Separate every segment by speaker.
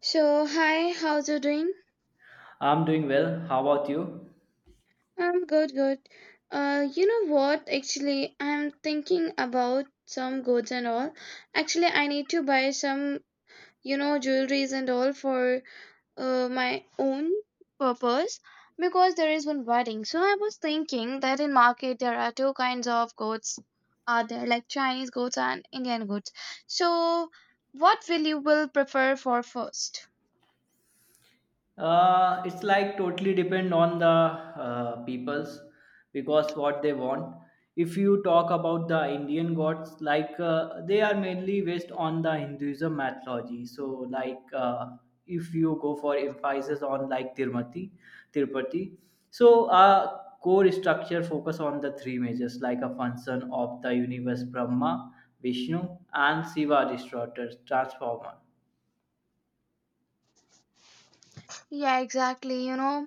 Speaker 1: So, hi, how's you doing?
Speaker 2: I'm doing well. How about you?
Speaker 1: I'm good, good. You know what? Actually, I'm thinking about some goods and all. Actually, I need to buy some, jewelries and all for my own purpose because there is one wedding. So, I was thinking that in market there are two kinds of goods. Are there like Chinese goods and Indian goods? So, what will you will prefer for first?
Speaker 2: It's like totally depend on the peoples because what they want. If you talk about the Indian gods, like they are mainly based on the Hinduism mythology. So, if you go for emphasis on like Tirumati, Tirupati, so core structure focus on the three majors like a function of the universe Brahma, Vishnu, and Shiva distorted transformer.
Speaker 1: Yeah, exactly. You know,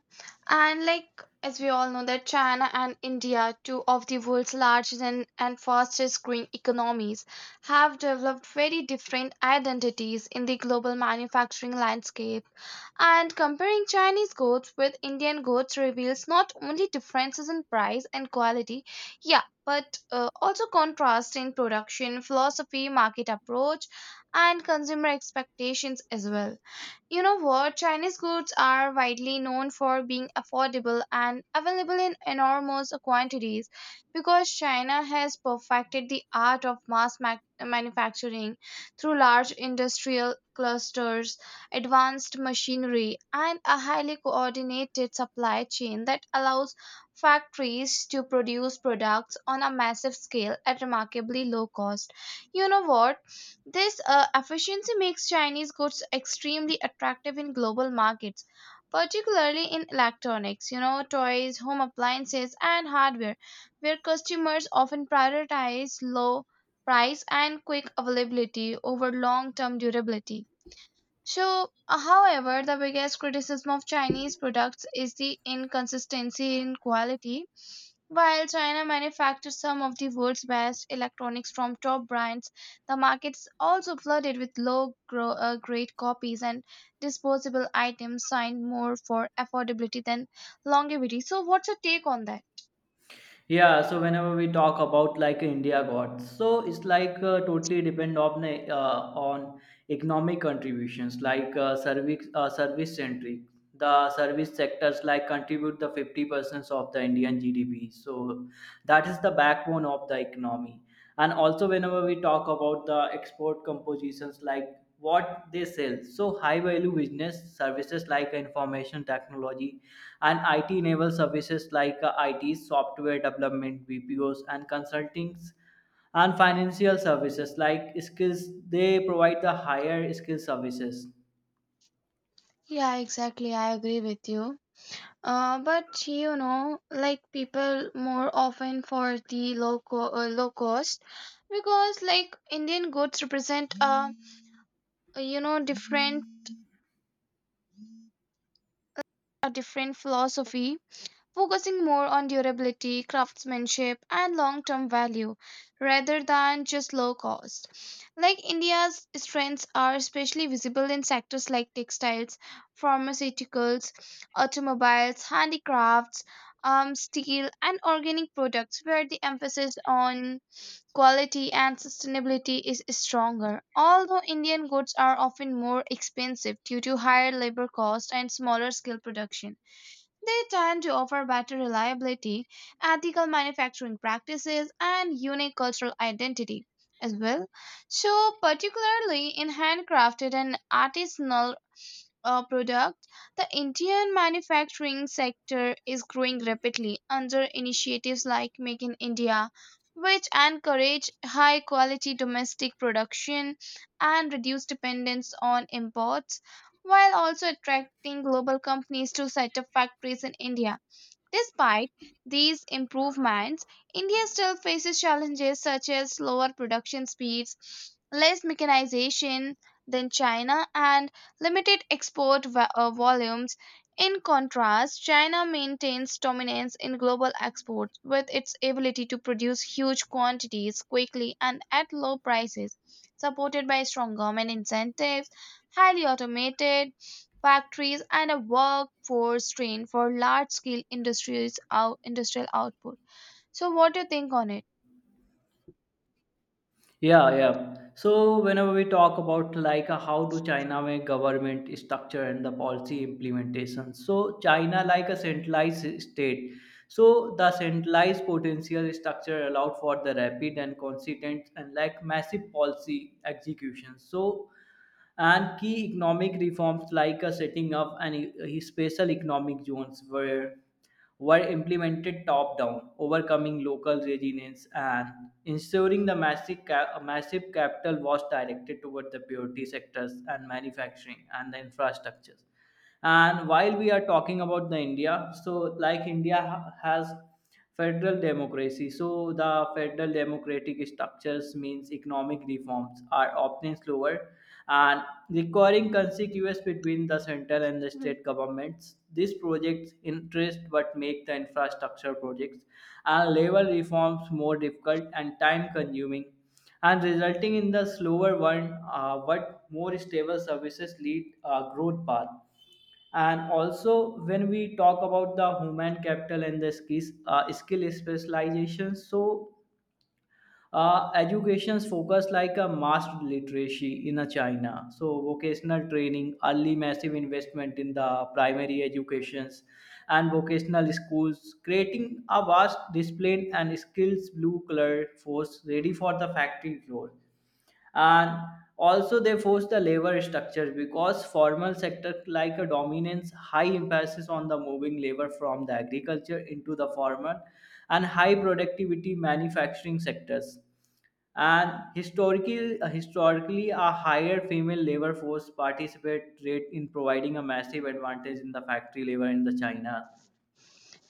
Speaker 1: and like as we all know that China and India, two of the world's largest and fastest growing economies, have developed very different identities in the global manufacturing landscape. And comparing Chinese goods with Indian goods reveals not only differences in price and quality, yeah, but also contrast in production, philosophy, market approach, and consumer expectations as well. You know what? Chinese goods are widely known for being affordable and available in enormous quantities because China has perfected the art of manufacturing through large industrial clusters, advanced machinery, and a highly coordinated supply chain that allows factories to produce products on a massive scale at remarkably low cost. You know what? This efficiency makes Chinese goods extremely attractive in global markets, particularly in electronics, you know, toys, home appliances, and hardware, where customers often prioritize low price and quick availability over long term durability. So, however, the biggest criticism of Chinese products is the inconsistency in quality. While China manufactures some of the world's best electronics from top brands, the market's also flooded with grade copies and disposable items signed more for affordability than longevity. So, what's your take on that?
Speaker 2: Yeah, so whenever we talk about like India got, so it's like totally depend on on economic contributions like service centric. The service sectors like contribute the 50% of the Indian GDP, so that is the backbone of the economy. And also whenever we talk about the export compositions, like what they sell, so high value business services like information technology and IT enabled services like IT, software development, BPOs, and consultings, and financial services like skills. They provide the higher skill services.
Speaker 1: Yeah, exactly. I agree with you. But you know, like people more often for the low cost because like Indian goods represent a you know different a different philosophy focusing more on durability, craftsmanship, and long term value rather than just low cost. Like India's strengths are especially visible in sectors like textiles, pharmaceuticals, automobiles, handicrafts, steel, and organic products, where the emphasis on quality and sustainability is stronger. Although Indian goods are often more expensive due to higher labor cost and smaller scale production. They tend to offer better reliability, ethical manufacturing practices, and unique cultural identity as well. So, particularly in handcrafted and artisanal products, the Indian manufacturing sector is growing rapidly under initiatives like Make in India, which encourage high quality domestic production and reduce dependence on imports while also attracting global companies to set up factories in India. Despite these improvements, India still faces challenges such as slower production speeds, less mechanization than China, and volumes. In contrast, China maintains dominance in global exports with its ability to produce huge quantities quickly and at low prices, supported by strong government incentives, highly automated factories, and a workforce trained for large scale industries out, industrial output. So, what do you think on it?
Speaker 2: Yeah, yeah. So whenever we talk about how do China make government structure and the policy implementation, so China like a centralized state. So the centralized potential structure allowed for the rapid and consistent and like massive policy execution. So and key economic reforms like setting up an special economic zones were implemented top down, overcoming local resilience and ensuring the massive capital was directed toward the priority sectors and manufacturing and the infrastructures. And while we are talking about the India, so like India has federal democracy, so the federal democratic structures means economic reforms are often slower and requiring conspicuous between the central and the
Speaker 1: Mhm.
Speaker 2: state governments. These projects interest but make the infrastructure projects and labor reforms more difficult and time consuming and resulting in the slower one, but more stable services lead growth path. And also when we talk about the human capital and the skills skill specialization, so education's focus like a mass literacy in a China, so vocational training early massive investment in the primary educations and vocational schools creating a vast discipline and skills blue collar force ready for the factory floor. And also they force the labor structures because formal sector like a dominance high emphasis on the moving labor from the agriculture into the formal and high productivity manufacturing sectors. And historically, a higher female labor force participate rate in providing a massive advantage in the factory labor in the China.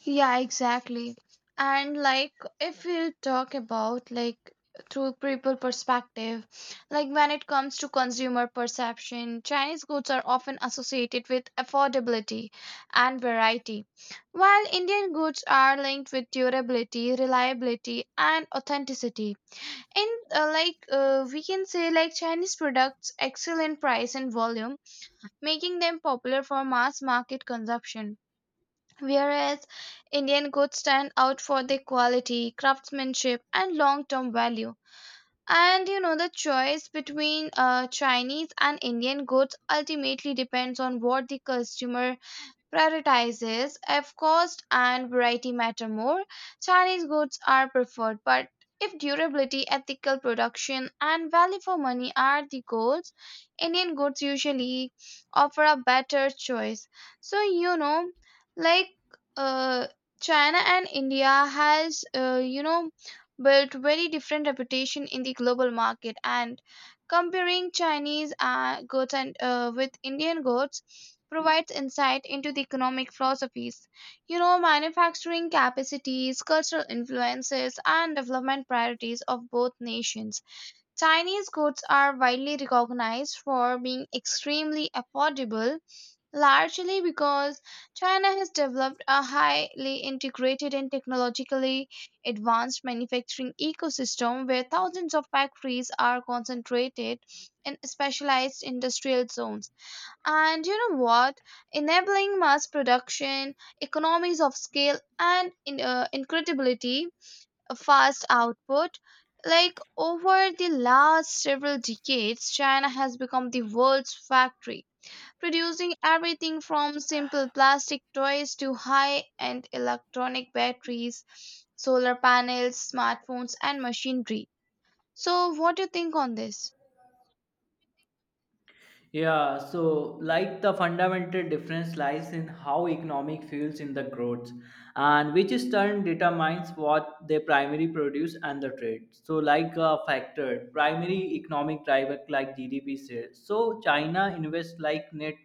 Speaker 1: Yeah, exactly. And like if you talk about like through people perspective, like when it comes to consumer perception, Chinese goods are often associated with affordability and variety, while Indian goods are linked with durability, reliability, and authenticity. And we can say, like Chinese products excel in price and volume, making them popular for mass market consumption. Whereas Indian goods stand out for their quality, craftsmanship, and long term value. And you know, the choice between Chinese and Indian goods ultimately depends on what the customer prioritizes if cost and variety matter more, Chinese goods are preferred, but if durability, ethical production, and value for money are the goals, Indian goods usually offer a better choice. So you know, like uh, China and India has built very different reputation in the global market, and comparing Chinese goods and with Indian goods provides insight into the economic philosophies. You know, manufacturing capacities, cultural influences, and development priorities of both nations. Chinese goods are widely recognized for being extremely affordable largely because China has developed a highly integrated and technologically advanced manufacturing ecosystem where thousands of factories are concentrated in specialized industrial zones. And you know what? Enabling mass production, economies of scale, and incredibility, a fast output. Like over the last several decades, China has become the world's factory producing everything from simple plastic toys to high end electronic batteries, solar panels, smartphones, and machinery. So, what do you think on this?
Speaker 2: Yeah, so like the fundamental difference lies in how economic fuels in the growth and which is turn determines what they primary produce and the trade, so like a factor primary economic driver like GDP says. So China invests like net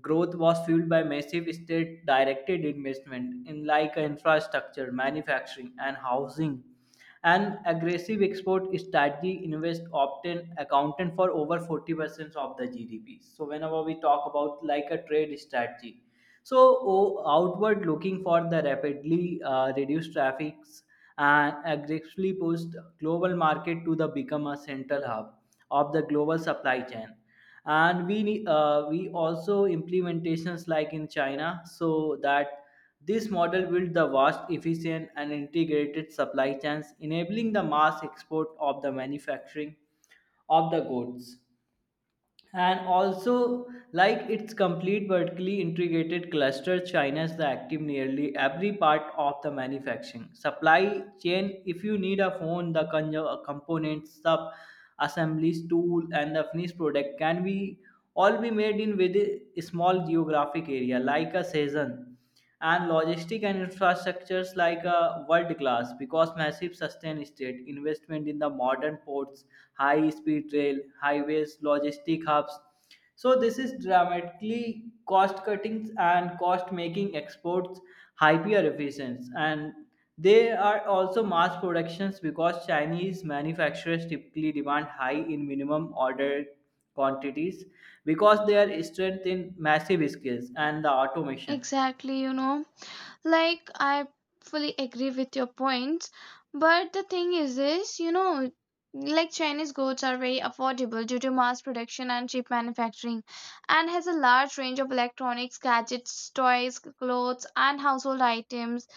Speaker 2: growth was fueled by massive state-directed investment in like infrastructure, manufacturing, and housing. An aggressive export strategy invest often accounted for over 40% of the GDP. So whenever we talk about like a trade strategy, so, outward looking for the rapidly reduced traffics and aggressively pushed global market to the become a central hub of the global supply chain. And we we also implementations like in China, so that this model built the vast, efficient, and integrated supply chains, enabling the mass export of the manufacturing of the goods. And also like its complete vertically integrated cluster, China is the active nearly every part of the manufacturing supply chain. If you need a phone, the components, sub assemblies, tool, and the finished product can be all be made in within a small geographic area like a season. And logistic and infrastructures like world class because massive sustained state investment in the modern ports, high speed rail, highways, logistic hubs. So this is dramatically cost cutting and cost making exports hyper efficient. And they are also mass productions because Chinese manufacturers typically demand high in minimum order quantities because they are strength in massive scales and the automations.
Speaker 1: Exactly, you know. Like, I fully agree with your points. But the thing is, this you know, like Chinese goods are very affordable due to mass production and cheap manufacturing, and has a large range of electronics, gadgets, toys, clothes, and household items.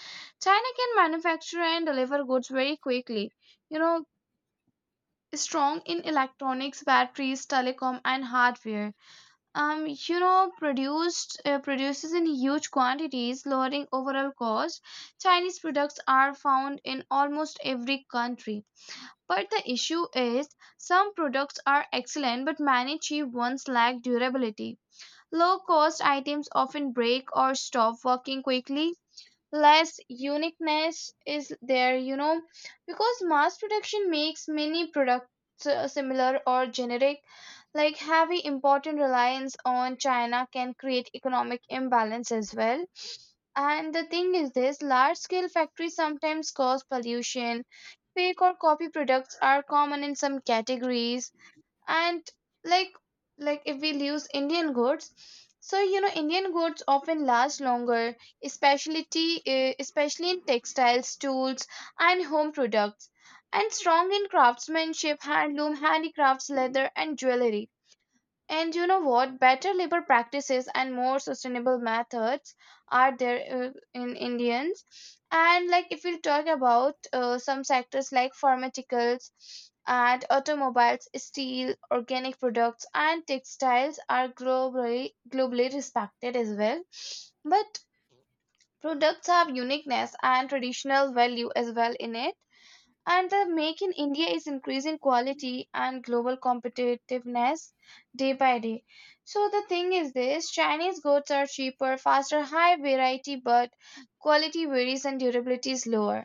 Speaker 1: China can manufacture and deliver goods very quickly. You know, strong in electronics, batteries, telecom, and hardware, you know, produced produces in huge quantities, lowering overall cost. Chinese products are found in almost every country. But the issue is some products are excellent, but many cheap ones lack durability. Low cost items often break or stop working quickly, less uniqueness is there, you know, because mass production makes many products similar or generic. Like heavy important reliance on China can create economic imbalance as well, and the thing is this large scale factories sometimes cause pollution, fake or copy products are common in some categories. And like like if we use Indian goods, so you know Indian goods often last longer, especially in textiles, tools, and home products, and strong in craftsmanship, handloom, handicrafts, leather, and jewelry. And you know what? Better labor practices and more sustainable methods are there in Indians. And like if we talk about some sectors like pharmaceuticals and automobiles, steel, organic products, and textiles are globally respected as well. But products have uniqueness and traditional value as well in it, and the Make in India is increasing quality and global competitiveness day by day. So the thing is this Chinese goods are cheaper, faster, high variety, but quality varies and durability is lower.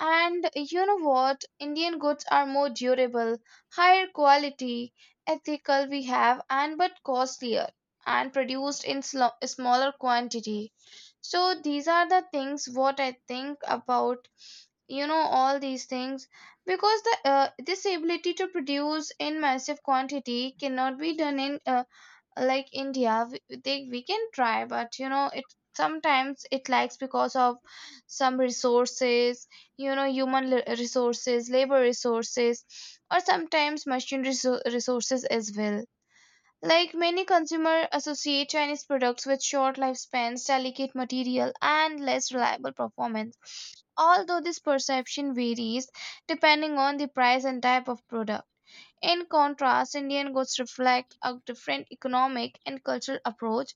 Speaker 1: And you know what? Indian goods are more durable, higher quality, ethical we have, and but costlier and produced in smaller quantity. So these are the things what I think about, you know, all these things, because the this ability to produce in massive quantity cannot be done in like India we, they, we can try, but you know it, sometimes it lacks because of some resources, you know, resources, labor resources, or sometimes machine resources as well. Like many consumers associate Chinese products with short lifespans, delicate material, and less reliable performance. Although this perception varies depending on the price and type of product. In contrast, Indian goods reflect a different economic and cultural approach,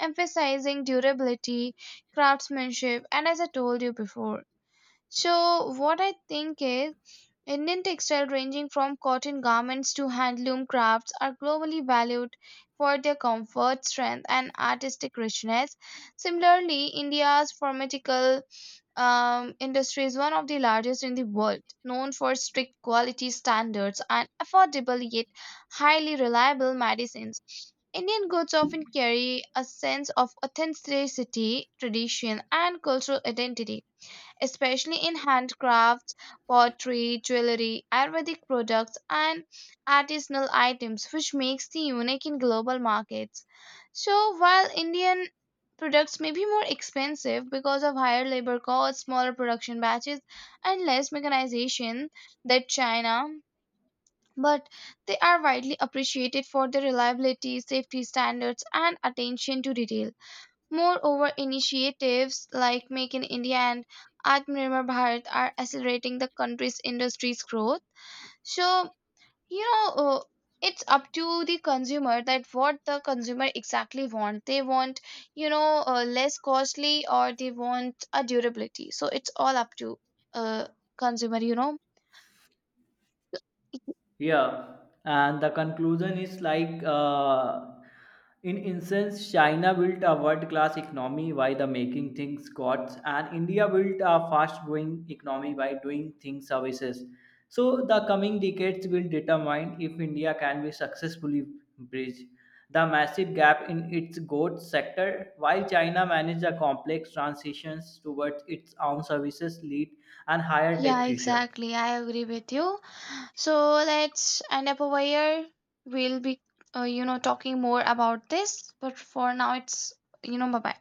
Speaker 1: emphasizing durability, craftsmanship, and as I told you before. So, what I think is Indian textiles ranging from cotton garments to handloom crafts are globally valued for their comfort, strength, and artistic richness. Similarly, India's pharmaceutical industry is one of the largest in the world, known for strict quality standards and affordable yet highly reliable medicines. Indian goods often carry a sense of authenticity, tradition, and cultural identity, especially in handcrafts, pottery, jewelry, Ayurvedic products, and artisanal items, which makes the unique in global markets. So, while Indian products may be more expensive because of higher labor costs, smaller production batches, and less mechanization than China, but they are widely appreciated for their reliability, safety standards, and attention to detail. Moreover, initiatives like Make in India and Atmanirbhar Bharat are accelerating the country's industry's growth. So, you know, uh, it's up to the consumer that what the consumer exactly want. They want less costly or they want a durability. So it's all up to uh, consumer, you know.
Speaker 2: Yeah, and the conclusion is in essence, China built a world-class economy by the making things goods, and India built a fast-growing economy by doing things services. So the coming decades will determine if India can be successfully bridge the massive gap in its goods sector, while China managed the complex transitions towards its own services lead and higher tech
Speaker 1: Yeah,
Speaker 2: future.
Speaker 1: exactly. I agree with you. So let's end up over here. We'll be talking more about this. But for now, it's bye bye.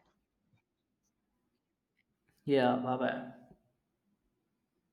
Speaker 2: Yeah, bye bye.